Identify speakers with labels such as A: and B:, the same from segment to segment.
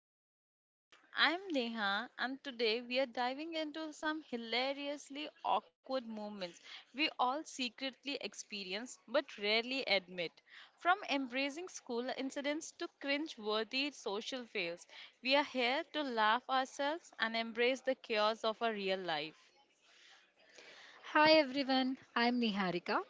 A: Cringe Chronicles. I'm Neha and today we are diving into some hilariously awkward moments we all secretly experience but rarely admit. From embracing school incidents to cringe worthy social fails, we are here to laugh ourselves and embrace the chaos of our real life.
B: Hi everyone, I'm Niharika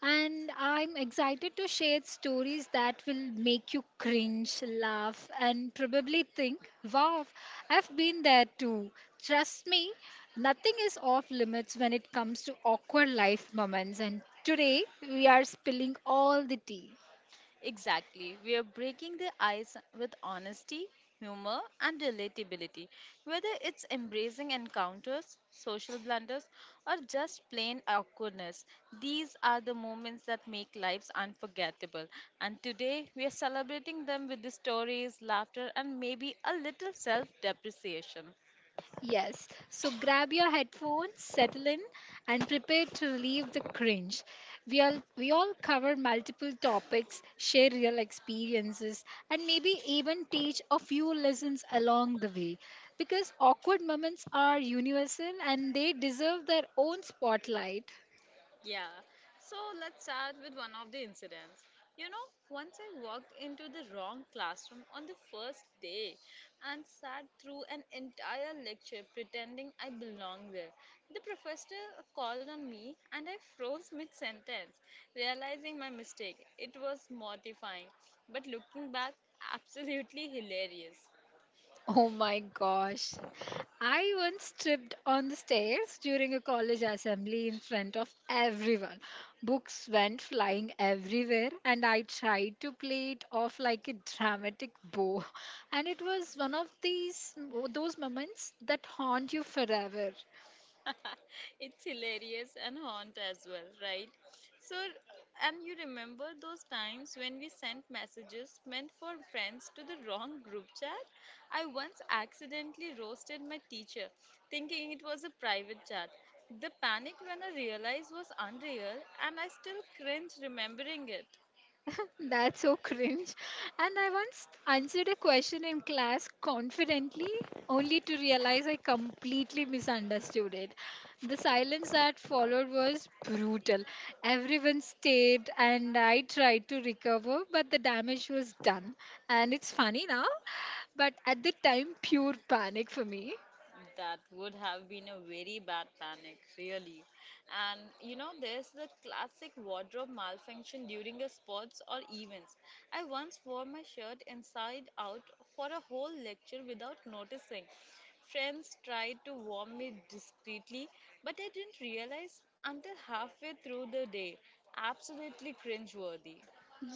B: and I'm excited to share stories that will make you cringe, laugh, and probably think, wow, I've been there too. Trust me, nothing is off limits when it comes to awkward life moments, and today we are spilling all the tea.
A: Exactly. We are breaking the ice with honesty, humor, and relatability. Whether it's embracing encounters, social blunders, or just plain awkwardness, these are the moments that make lives unforgettable. And today, we are celebrating them with the stories, laughter, and maybe a little self depreciation.
B: Yes, so grab your headphones, settle in, and prepare to relieve the cringe. We all cover multiple topics, share real experiences, and maybe even teach a few lessons along the way. Because awkward moments are universal and they deserve their own spotlight.
A: Yeah. So let's start with one of the incidents. You know, once I walked into the wrong classroom on the first day and sat through an entire lecture pretending I belonged there. The professor called on me and I froze mid sentence, realizing my mistake. It was mortifying, but looking back, absolutely hilarious.
B: Oh my gosh. I once tripped on the stairs during a college assembly in front of everyone. Books went flying everywhere, and I tried to play it off like a dramatic bow. And it was one of these those moments that haunt you forever.
A: It's hilarious and haunt as well, right? So, and you remember those times when we sent messages meant for friends to the wrong group chat? I once accidentally roasted my teacher, thinking it was a private chat. The panic when I realized was unreal, and I still cringe remembering it.
B: That's so cringe. And I once answered a question in class confidently, only to realize I completely misunderstood it. The silence that followed was brutal. Everyone stared, and I tried to recover, but the damage was done. And it's funny now, but at the time, pure panic for me.
A: That would have been a very bad panic, really. And you know, there's the classic wardrobe malfunction during a sports or events. I once wore my shirt inside out for a whole lecture without noticing. Friends tried to warn me discreetly, but I didn't realize until halfway through the day. Absolutely cringeworthy.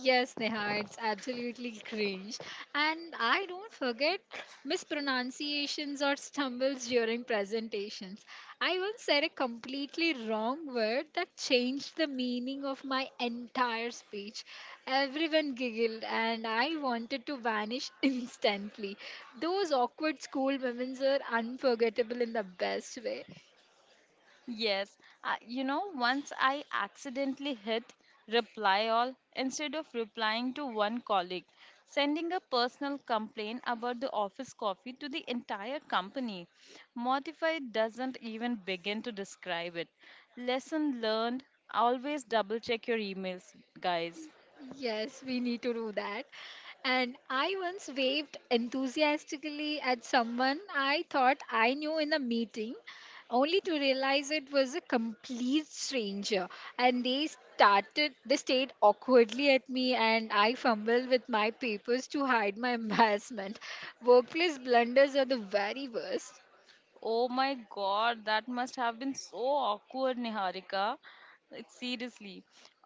B: Yes, Neha, it's absolutely cringe. And I don't forget mispronunciations or stumbles during presentations. I once said a completely wrong word that changed the meaning of my entire speech. Everyone giggled, and I wanted to vanish instantly. Those awkward school moments are unforgettable in the best way.
A: Yes, you know, once I accidentally hit reply all instead of replying to one colleague, sending a personal complaint about the office coffee to the entire company. Mortify doesn't even begin to describe it. Lesson learned, always double check your emails, guys.
B: Yes, we need to do that. And I once waved enthusiastically at someone I thought I knew in a meeting, only to realize it was a complete stranger. And they started, they stared awkwardly at me, and I fumbled with my papers to hide my embarrassment. Workplace blunders are the very worst.
A: Oh my god, that must have been so awkward, Niharika. Like, seriously.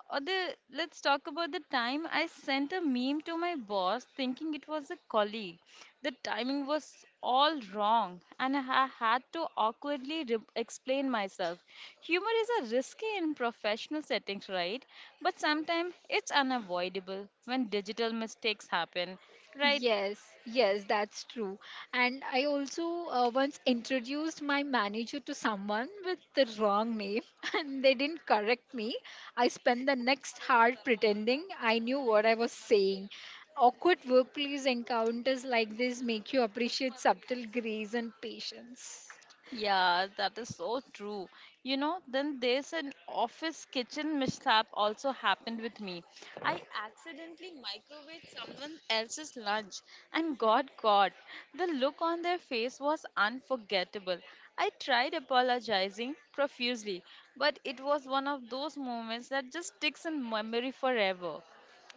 A: Or the, let's talk about the time I sent a meme to my boss thinking it was a colleague. The timing was all wrong, and I had to awkwardly explain myself. Humor is a risky in professional settings, right? But sometimes it's unavoidable when digital mistakes happen, right?
B: Yes, yes, that's true. And I also once introduced my manager to someone with the wrong name and they didn't correct me. I spent the next hour pretending I knew what I was saying. Awkward workplace encounters like this make you appreciate subtle grace and patience.
A: Yeah, that is so true. You know, then there's an office kitchen mishap also happened with me. I accidentally microwaved someone else's lunch and got caught. The look on their face was unforgettable. I tried apologizing profusely, but it was one of those moments that just sticks in memory forever.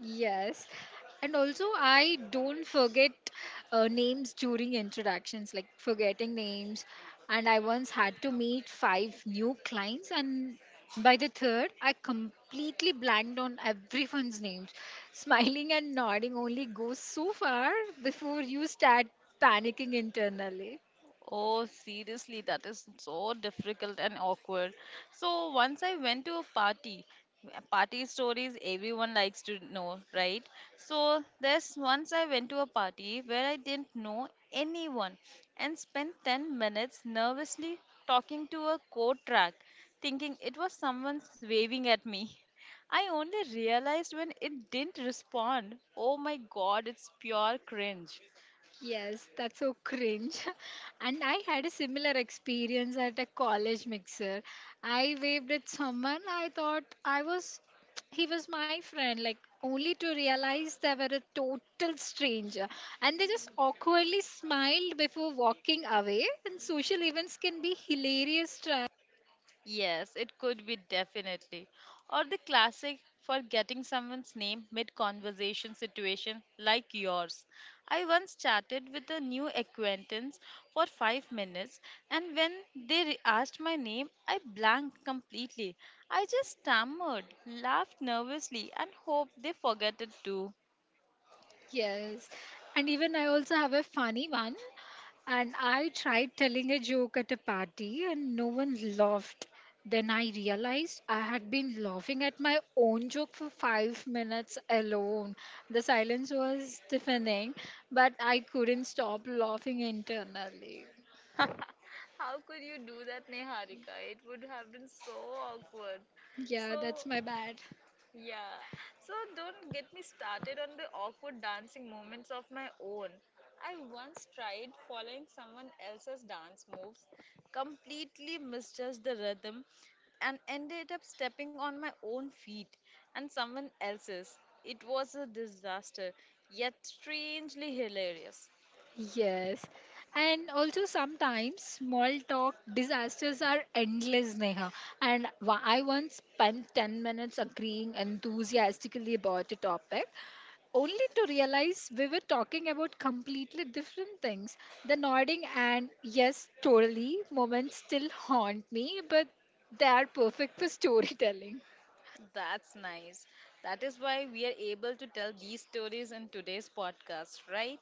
B: Yes. And also, I don't forget names during introductions, like forgetting names. And I once had to meet five new clients, and by the third, I completely blanked on everyone's names. Smiling and nodding only goes so far before you start panicking internally.
A: Oh, seriously, that is so difficult and awkward. So once I went to a party, party stories everyone likes to know, right? So there's once I went to a party where I didn't know anyone and spent 10 minutes nervously talking to a coat rack, thinking it was someone waving at me. I only realized when it didn't respond. Oh my god, it's pure cringe.
B: Yes, that's so cringe. And I had a similar experience at a college mixer. I waved at someone I thought I was he was my friend, like, only to realize they were a total stranger, and they just awkwardly smiled before walking away, and social events can be hilarious.
A: Yes, it could be definitely. Or the classic for getting someone's name mid conversation situation like yours. I once chatted with a new acquaintance for 5 minutes, and when they asked my name, I blanked completely. I just stammered, laughed nervously, and hoped they forget it too.
B: Yes. And even I also have a funny one. And I tried telling a joke at a party and no one laughed. Then I realized I had been laughing at my own joke for 5 minutes alone. The silence was deafening, but I couldn't stop laughing internally.
A: How could you do that, Neharika? It would have been so awkward.
B: Yeah, that's
A: So,
B: my bad.
A: yeah, so don't get me started on the awkward dancing moments of my own. I once tried following someone else's dance moves, completely misjudged the rhythm, and ended up stepping on my own feet and someone else's. It was a disaster, yet strangely hilarious.
B: Yes. And also sometimes small talk disasters are endless, Neha. And I once spent 10 minutes agreeing enthusiastically about a topic, only to realize we were talking about completely different things. The nodding and yes, totally moments still haunt me, but they are perfect for storytelling.
A: That's nice. That is why we are able to tell these stories in today's podcast, right?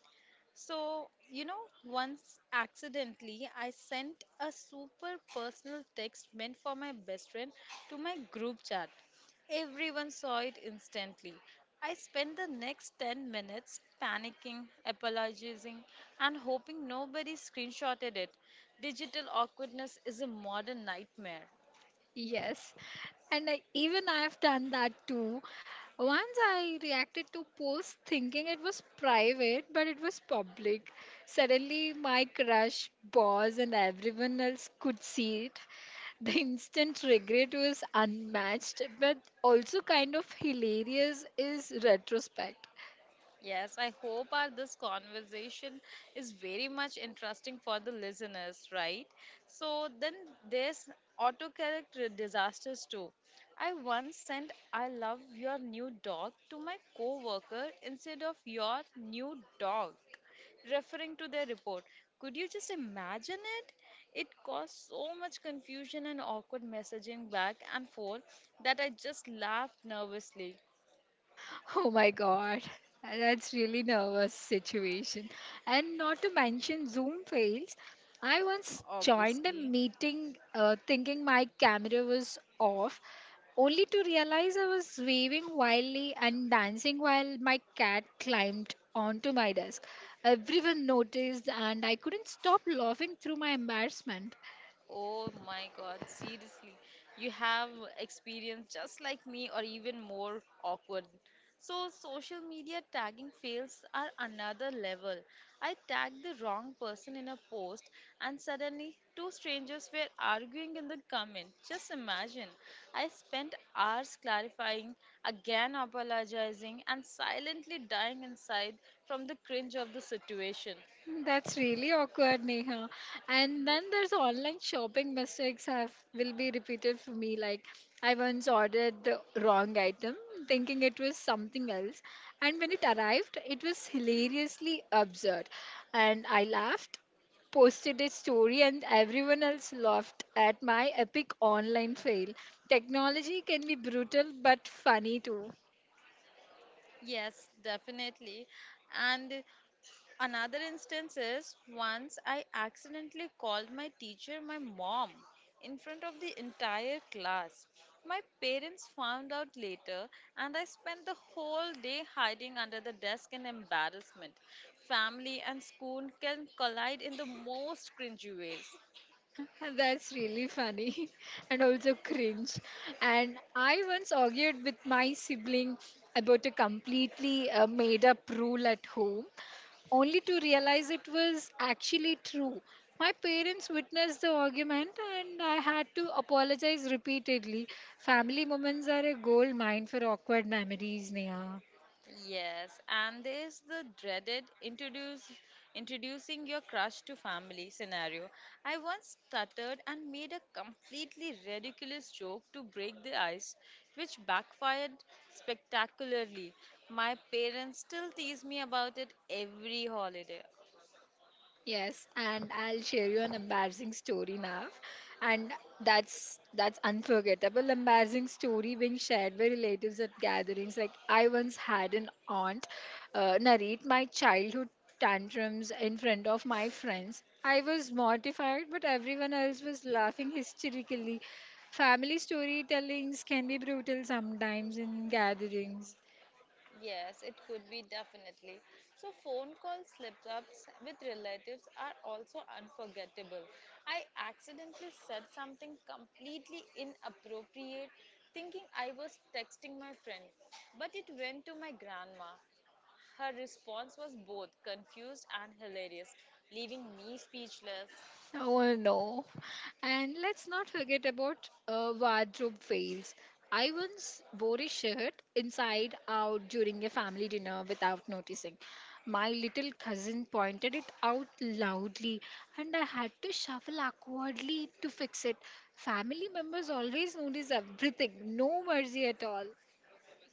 A: So, you know, once accidentally, I sent a super personal text meant for my best friend to my group chat. Everyone saw it instantly. I spent the next 10 minutes panicking, apologizing, and hoping nobody screenshotted it. Digital awkwardness is a modern nightmare.
B: Yes, and I, even I have done that too. Once I reacted to post thinking it was private, but it was public. Suddenly, my crush, boss, and everyone else could see it. The instant regret was unmatched, but also kind of hilarious is retrospect.
A: Yes, I hope our this conversation is very much interesting for the listeners, right? So then there's autocorrect disasters too. I once sent I love your new dog to my coworker instead of your new dog, referring to their report. Could you just imagine it? It caused so much confusion and awkward messaging back and forth that I just laughed nervously.
B: Oh my god. That's really nervous situation. And not to mention Zoom fails. I once joined a
A: Obviously.
B: meeting thinking my camera was off only to realize I was waving wildly and dancing while my cat climbed onto my desk. Everyone noticed and I couldn't stop laughing through my embarrassment.
A: Oh my God, seriously. You have experience just like me, or even more awkward. So, social media tagging fails are another level. I tagged the wrong person in a post, and suddenly two strangers were arguing in the comment. Just imagine. I spent hours clarifying, again apologizing, and silently dying inside from the cringe of the situation.
B: That's really awkward, Neha. And then there's online shopping mistakes have will be repeated for me. Like I once ordered the wrong item, thinking it was something else, and when it arrived, it was hilariously absurd, and I laughed, posted a story, and everyone else laughed at my epic online fail. Technology can be brutal but funny too.
A: Yes, definitely. And another instance is once I accidentally called my teacher my mom in front of the entire class. My parents found out later, and I spent the whole day hiding under the desk in embarrassment. Family and school can collide in the most cringy ways.
B: That's really funny and also cringe. And I once argued with my sibling about a completely made up rule at home, only to realize it was actually true. My parents witnessed the argument and I had to apologize repeatedly. Family moments are a gold mine for awkward memories, Neha.
A: Yes, and there's the dreaded introduce introducing your crush to family scenario. I once stuttered and made a completely ridiculous joke to break the ice, which backfired spectacularly. My parents still tease me about it every holiday.
B: Yes, and I'll share you an embarrassing story now. And that's unforgettable embarrassing story being shared by relatives at gatherings. Like I once had an aunt narrate my childhood tantrums in front of my friends. I was mortified, but everyone else was laughing hysterically. Family storytellings can be brutal sometimes in gatherings.
A: Yes, it could be definitely. So, phone call slip ups with relatives are also unforgettable. I accidentally said something completely inappropriate, thinking I was texting my friend, but it went to my grandma. Her response was both confused and hilarious, leaving me speechless.
B: Oh no. And let's not forget about wardrobe fails. I once wore a shirt inside out during a family dinner without noticing. My little cousin pointed it out loudly, and I had to shuffle awkwardly to fix it. Family members always notice everything, no mercy at all.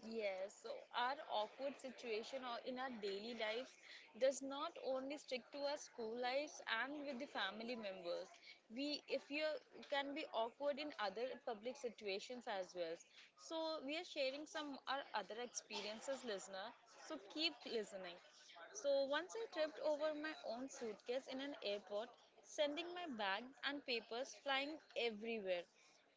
A: Yes, so our awkward situation or in our daily lives does not only stick to our school lives and with the family members. We, if you are- can be awkward in other public situations as well. So we are sharing some our other experiences, listener. So keep listening. So once I tripped over my own suitcase in an airport, sending my bag and papers flying everywhere.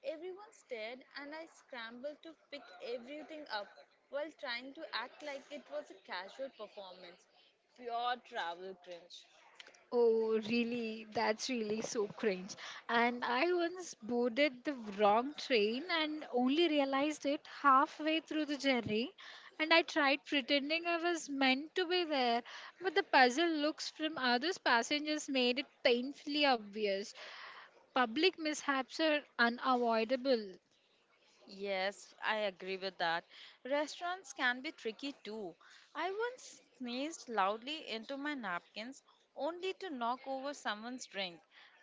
A: Everyone stared, and I scrambled to pick everything up while trying to act like it was a casual performance. Pure travel cringe.
B: Oh, really? That's really so cringe. And I once boarded the wrong train and only realized it halfway through the journey. And I tried pretending I was meant to be there, but the puzzle looks from other passengers made it painfully obvious. Public mishaps are unavoidable.
A: Yes, I agree with that. Restaurants can be tricky too. I once sneezed loudly into my napkins only to knock over someone's drink.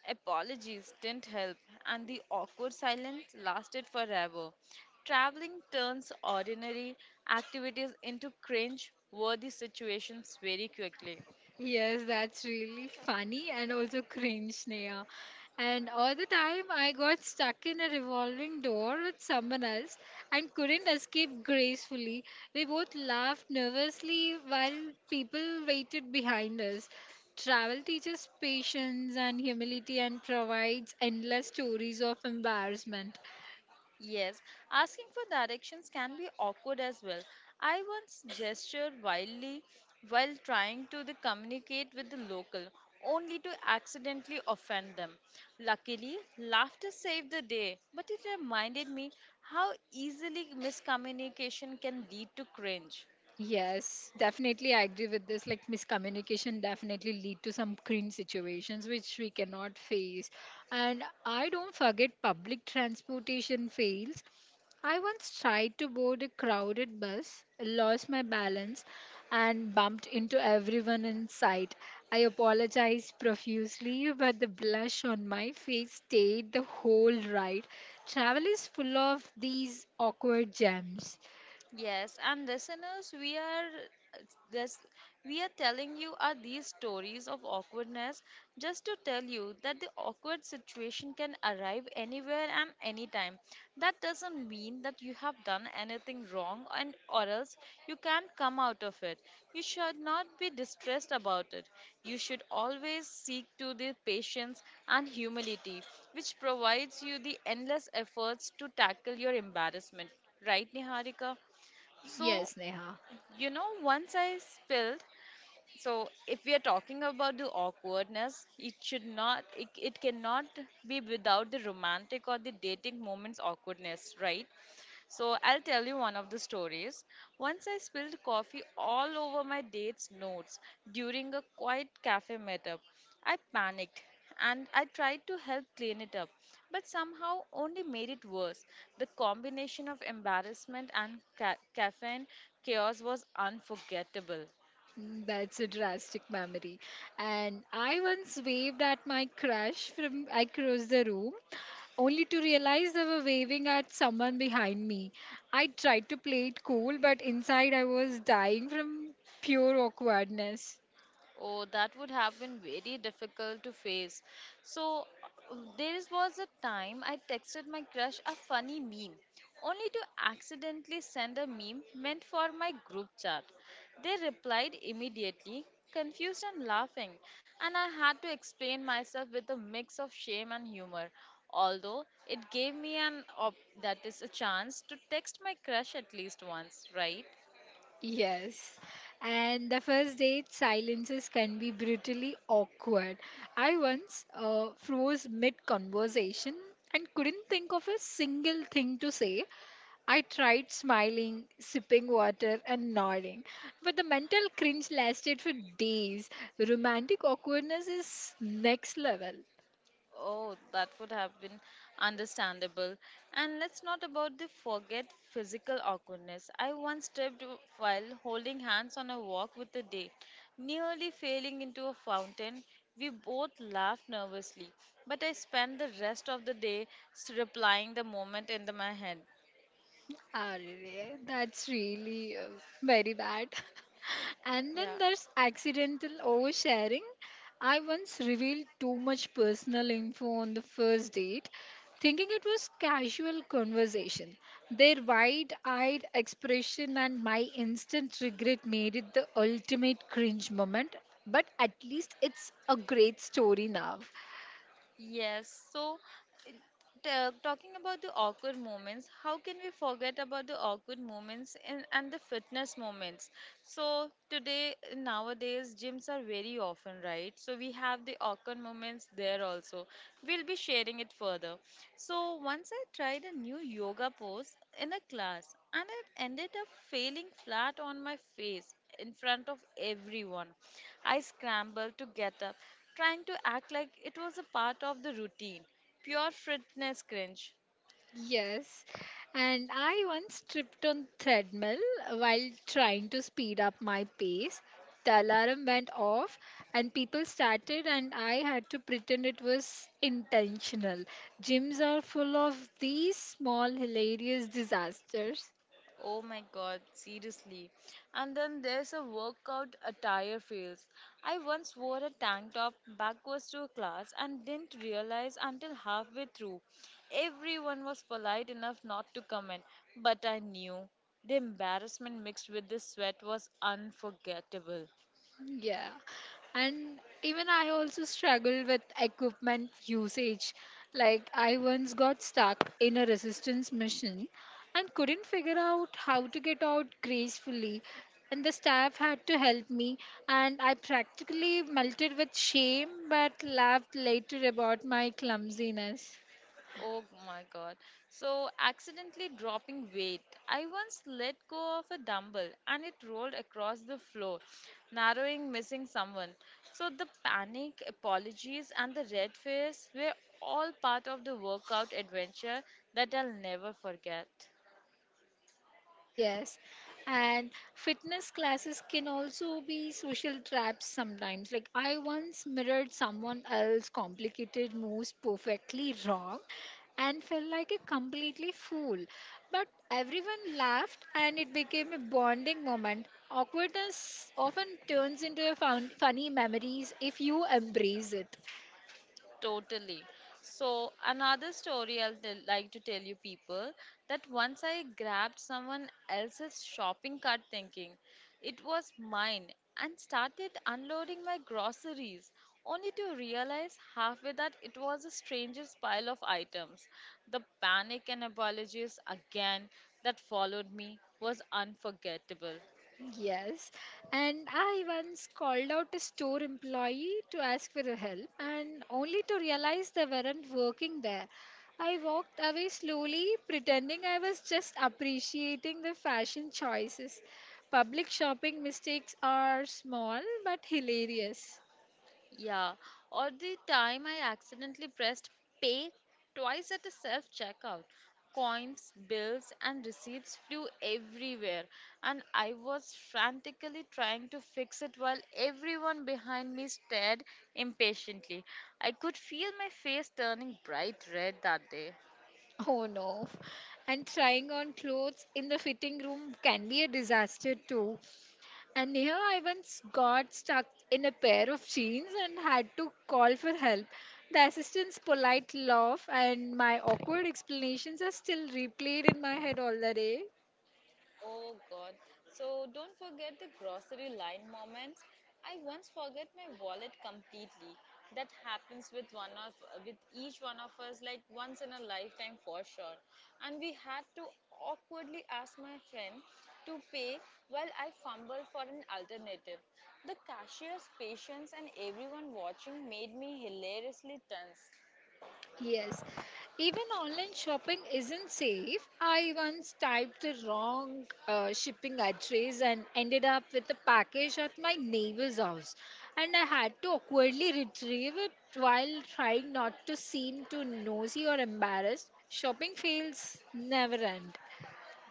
A: Apologies didn't help, and the awkward silence lasted forever. Traveling turns ordinary activities into cringe worthy situations very quickly.
B: Yes, that's really funny and also cringe, Neha. And all the time, I got stuck in a revolving door with someone else and couldn't escape gracefully. We both laughed nervously while people waited behind us. Travel teaches patience and humility and provides endless stories of embarrassment.
A: Yes, asking for directions can be awkward as well. I once gestured wildly while trying to the communicate with the local, only to accidentally offend them. Luckily, laughter saved the day, but it reminded me how easily miscommunication can lead to cringe.
B: Yes, definitely. I agree with this. Like miscommunication definitely lead to some cringe situations which we cannot face. And I don't forget public transportation fails. I once tried to board a crowded bus, lost my balance, and bumped into everyone in sight. I apologized profusely, but the blush on my face stayed the whole ride. Travel is full of these awkward gems.
A: Yes, and listeners, we are this we are telling you are these stories of awkwardness just to tell you that the awkward situation can arrive anywhere and anytime. That doesn't mean that you have done anything wrong and or else you can't come out of it. You should not be distressed about it. You should always seek to the patience and humility which provides you the endless efforts to tackle your embarrassment. Right, Niharika? So,
B: Yes, Neha.
A: you know, once I spilled, so if we are talking about the awkwardness, it should not, it cannot be without the romantic or the dating moments awkwardness, right? So I'll tell you one of the stories. Once I spilled coffee all over my date's notes during a quiet cafe meetup. I panicked and I tried to help clean it up, but somehow only made it worse. The combination of embarrassment and caffeine chaos was unforgettable.
B: Mm, that's a drastic memory. And I once waved at my crush from across the room, only to realize they were waving at someone behind me. I tried to play it cool, but inside I was dying from pure awkwardness.
A: Oh, that would have been very difficult to face. So, there was a time I texted my crush a funny meme, only to accidentally send a meme meant for my group chat. They replied immediately, confused and laughing, and I had to explain myself with a mix of shame and humor. Although it gave me an op- that is a chance to text my crush at least once, right?
B: Yes. And the first date silences can be brutally awkward. I once froze mid conversation and couldn't think of a single thing to say. I tried smiling, sipping water, and nodding, but the mental cringe lasted for days. Romantic awkwardness is next level.
A: Oh, that would have been understandable. And let's not about the forget physical awkwardness. I once tripped while holding hands on a walk with a date, nearly falling into a fountain. We both laughed nervously, but I spent the rest of the day replying the moment in the, my head.
B: Arre, that's really very bad. And then
A: Yeah.
B: there's accidental oversharing. I once revealed too much personal info on the first date, thinking it was casual conversation. Their wide-eyed expression and my instant regret made it the ultimate cringe moment, but at least it's a great story now.
A: Yes. So, talking about the awkward moments, how can we forget about the awkward moments and the fitness moments? So today, nowadays, gyms are very often, right? So we have the awkward moments there also. We'll be sharing it further. So once I tried a new yoga pose in a class, and it ended up failing flat on my face in front of everyone. I scrambled to get up, trying to act like it was a part of the routine. Pure fitness cringe.
B: Yes, and I once tripped on treadmill while trying to speed up my pace. The alarm went off and people started and I had to pretend it was intentional. Gyms are full of these small hilarious disasters.
A: Oh my god, seriously. And then there's a workout attire fails. I once wore a tank top backwards to a class and didn't realize until halfway through. Everyone was polite enough not to comment, but I knew. The embarrassment mixed with the sweat was unforgettable.
B: Yeah. And even I also struggle with equipment usage. Like, I once got stuck in a resistance mission, and couldn't figure out how to get out gracefully. And the staff had to help me, and I practically melted with shame but laughed later about my clumsiness.
A: Oh my god. So, accidentally dropping weight. I once let go of a dumbbell and it rolled across the floor, narrowing missing someone. So, the panic, apologies, and the red face were all part of the workout adventure that I'll never forget.
B: Yes, and fitness classes can also be social traps sometimes. Like, I once mirrored someone else's complicated moves perfectly wrong and felt like a completely fool. But everyone laughed, and it became a bonding moment. Awkwardness often turns into a funny memories if you embrace it.
A: Totally. So another story I'll tell, like to tell you people that once I grabbed someone else's shopping cart thinking it was mine and started unloading my groceries only to realize halfway that it was a stranger's pile of items. The panic and apologies again that followed me was unforgettable.
B: Yes, and I once called out a store employee to ask for help, and only to realize they weren't working there. I walked away slowly, pretending I was just appreciating the fashion choices. Public shopping mistakes are small but hilarious.
A: Yeah, or the time I accidentally pressed pay twice at a self checkout. Coins, bills, and receipts flew everywhere, and I was frantically trying to fix it while everyone behind me stared impatiently. I could feel my face turning bright red that day.
B: Oh no. And trying on clothes in the fitting room can be a disaster too. And here I once got stuck in a pair of jeans and had to call for help. The assistant's polite laugh and my awkward explanations are still replayed in my head all the day.
A: Oh God. So don't forget the grocery line moments. I once forget my wallet completely. That happens with one of with each one of us, like once in a lifetime for sure. And we had to awkwardly ask my friend to pay while I fumble for an alternative. The cashier's patience and everyone watching made me hilariously tense.
B: Yes, even online shopping isn't safe. I once typed the wrong shipping address and ended up with a package at my neighbor's house. And I had to awkwardly retrieve it while trying not to seem too nosy or embarrassed. Shopping fails never end.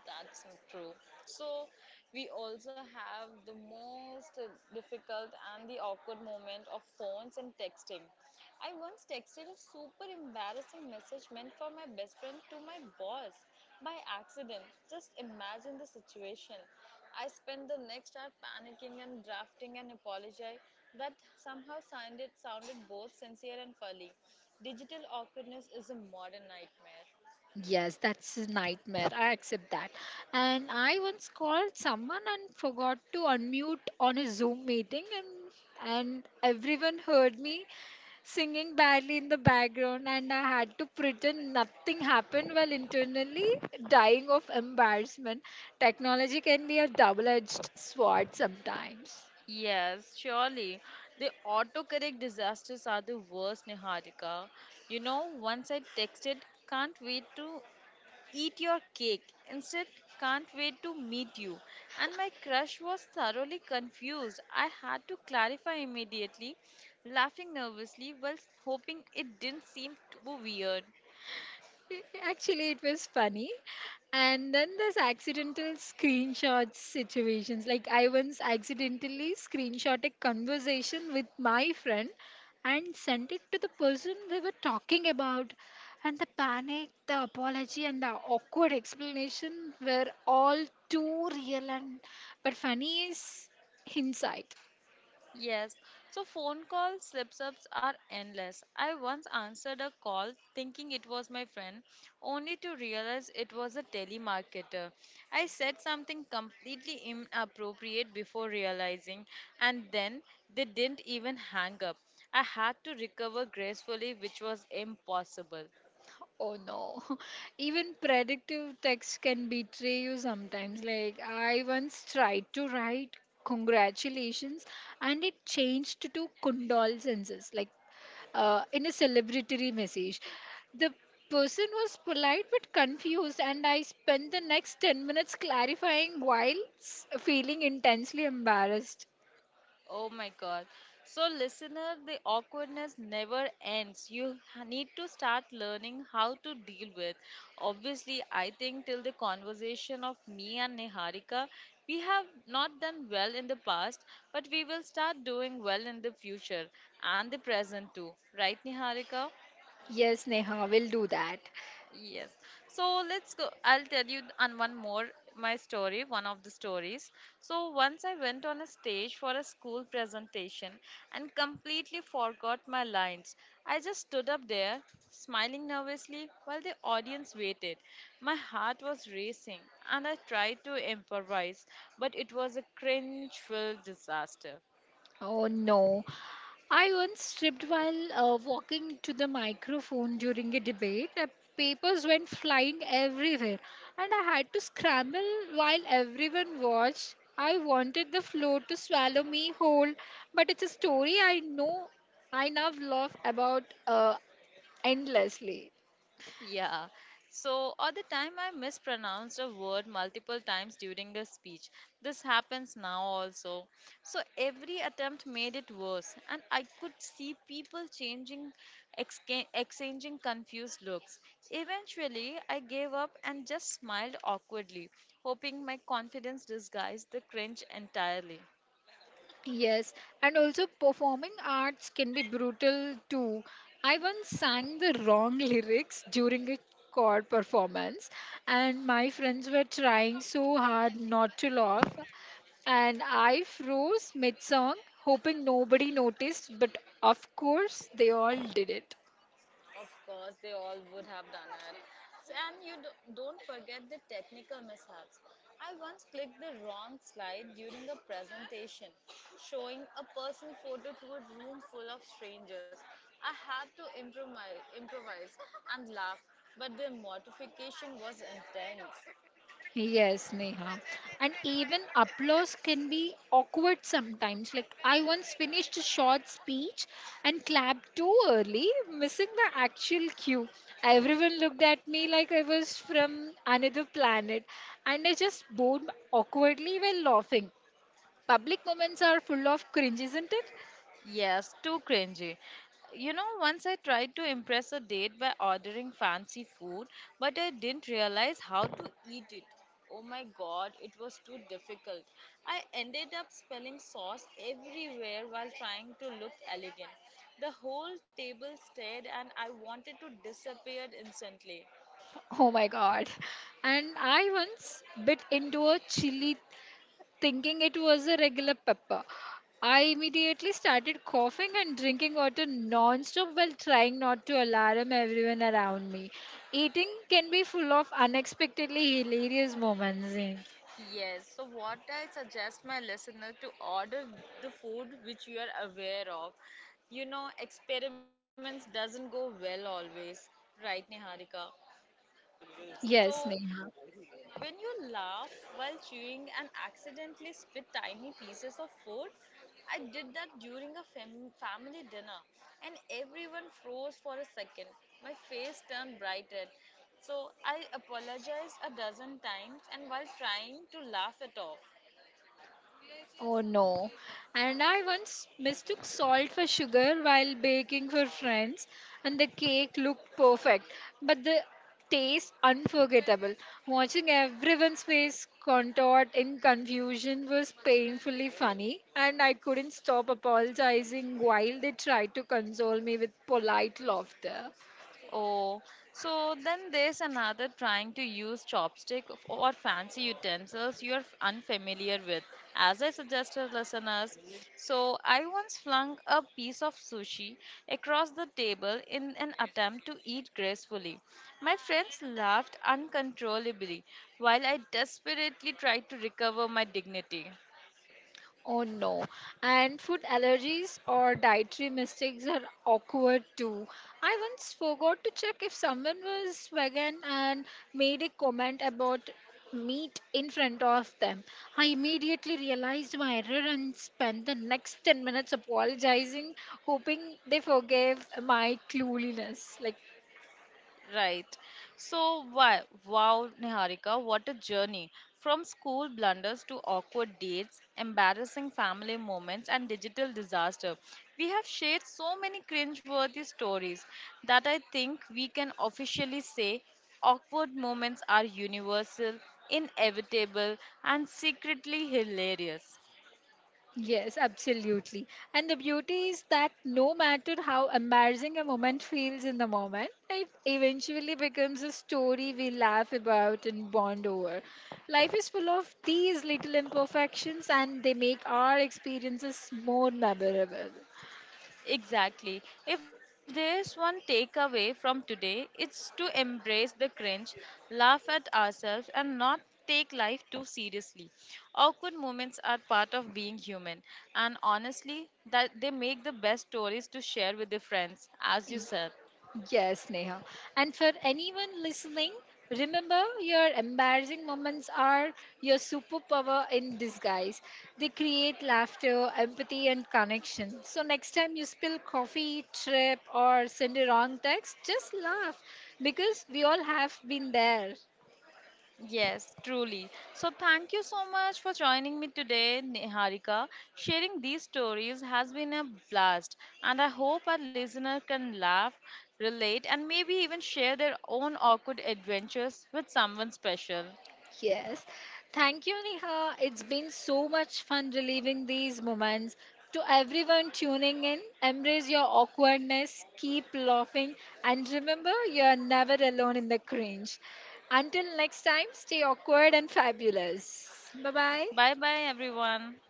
A: That's so true. So, we also have the most difficult and the awkward moment of phones and texting. I once texted a super embarrassing message meant for my best friend to my boss by accident. Just imagine the situation. I spent the next hour panicking and drafting an apology that somehow sounded both sincere and funny. Digital awkwardness is a modern nightmare.
B: Yes, that's a nightmare. I accept that. And I once called someone and forgot to unmute on a Zoom meeting, and everyone heard me singing badly in the background, and I had to pretend nothing happened while internally dying of embarrassment. Technology can be a double edged sword sometimes.
A: Yes, surely. The autocorrect disasters are the worst, Niharika. You know, once I texted, can't wait to eat your cake. Instead, can't wait to meet you. And my crush was thoroughly confused. I had to clarify immediately, laughing nervously while hoping it didn't seem too weird.
B: Actually, it was funny. And then there's accidental screenshot situations. Like I once accidentally screenshot a conversation with my friend and sent it to the person we were talking about. And the panic, the apology, and the awkward explanation were all too real and but funny is hindsight.
A: Yes, so phone call slips ups are endless. I once answered a call thinking it was my friend, only to realize it was a telemarketer. I said something completely inappropriate before realizing, and then they didn't even hang up. I had to recover gracefully, which was impossible.
B: Oh no. Even predictive text can betray you sometimes. Like, I once tried to write congratulations and it changed to condolences, like in a celebratory message. The person was polite but confused, and I spent the next 10 minutes clarifying while feeling intensely embarrassed.
A: Oh my god. So, listener, the awkwardness never ends. Need to start learning how to deal with. Obviously, I think till the conversation of me and Niharika, we have not done well in the past, but we will start doing well in the future and the present too. Right, Niharika?
B: Yes, Neha, we'll do that.
A: Yes. So let's go. I'll tell you on one more my story, one of the stories. So once I went on a stage for a school presentation and completely forgot my lines. I just stood up there, smiling nervously while the audience waited. My heart was racing and I tried to improvise, but it was a cringe-filled disaster.
B: Oh no. I once stripped while walking to the microphone during a debate. Papers went flying everywhere, and I had to scramble while everyone watched. I wanted the floor to swallow me whole, but it's a story I know I now laugh about endlessly.
A: Yeah. So, or the time I mispronounced a word multiple times during a speech. This happens now also. So, every attempt made it worse, and I could see people changing, exchanging confused looks. Eventually, I gave up and just smiled awkwardly, hoping my confidence disguised the cringe entirely.
B: Yes, and also performing arts can be brutal too. I once sang the wrong lyrics during a chord performance, and my friends were trying so hard not to laugh. And I froze mid song, hoping nobody noticed, but of course, they all did it.
A: Of course, they all would have done it. So, and don't forget the technical mishaps. I once clicked the wrong slide during a presentation, showing a personal photo to a room full of strangers. I had to improvise and laugh, but the mortification was intense.
B: Yes, Neha. And even applause can be awkward sometimes. Like, I once finished a short speech and clapped too early, missing the actual cue. Everyone looked at me like I was from another planet, and I just bowed awkwardly while laughing. Public moments are full of cringe, isn't it?
A: Yes, too cringy. You know, once I tried to impress a date by ordering fancy food, but I didn't realize how to eat it. Oh my god, it was too difficult. I ended up spelling sauce everywhere while trying to look elegant. The whole table stared and I wanted to disappear instantly.
B: Oh my god. And I once bit into a chili thinking it was a regular pepper. I immediately started coughing and drinking water non-stop while trying not to alarm everyone around me. Eating can be full of unexpectedly hilarious moments. Eh?
A: Yes, so what I suggest my listener to order the food which you are aware of. You know, experiments doesn't go well always, right, Niharika? So
B: Yes, Neha.
A: when you laugh while chewing and accidentally spit tiny pieces of food, I did that during a family dinner, and everyone froze for a second. My face turned brighter. So I apologized a dozen times and while trying to laugh it off.
B: Oh no. And I once mistook salt for sugar while baking for friends, and the cake looked perfect, but the taste unforgettable. Watching everyone's face contort in confusion was painfully funny, and I couldn't stop apologizing while they tried to console me with polite laughter.
A: Oh, so then there's another trying to use or fancy utensils unfamiliar with. As I suggested, listeners, so I once flung a piece of sushi across the table in an attempt to eat gracefully. My friends laughed uncontrollably while I desperately tried to recover my dignity.
B: Oh no. And food allergies or dietary mistakes are awkward too. I once forgot to check if someone was vegan and made a comment about meat in front of them. I immediately realized my error and spent the next 10 minutes apologizing, hoping they forgave my cluelessness. Like.
A: Right. So, why? Wow, Niharika, what a journey. From school blunders to awkward dates, embarrassing family moments, and digital disaster. We have shared so many cringe-worthy stories that I think we can officially say awkward moments are universal, inevitable, and secretly hilarious.
B: Yes, absolutely. And the beauty is that no matter how embarrassing a moment feels in the moment, it eventually becomes a story we laugh about and bond over. Life is full of these little imperfections, and they make our experiences more memorable.
A: Exactly. If there is one takeaway from today, it's to embrace the cringe, laugh at ourselves, and not take life too seriously. Awkward moments are part of being human, and honestly, that they make the best stories to share with your friends, as you said.
B: Yes, Neha. And for anyone listening, remember your embarrassing moments are your superpower in disguise. They create laughter, empathy, and connection. So next time you spill coffee, trip, or send a wrong text, just laugh because we all have been there.
A: Yes, truly. So, thank you so much for joining me today, Niharika. Sharing these stories has been a blast, and I hope our listener can laugh, relate, and maybe even share their own awkward adventures with someone special.
B: Yes. Thank you, Neha. It's been so much fun reliving these moments. To everyone tuning in, embrace your awkwardness, keep laughing, and remember you are never alone in the cringe. Until next time, stay awkward and fabulous. Bye bye.
A: Bye bye, everyone.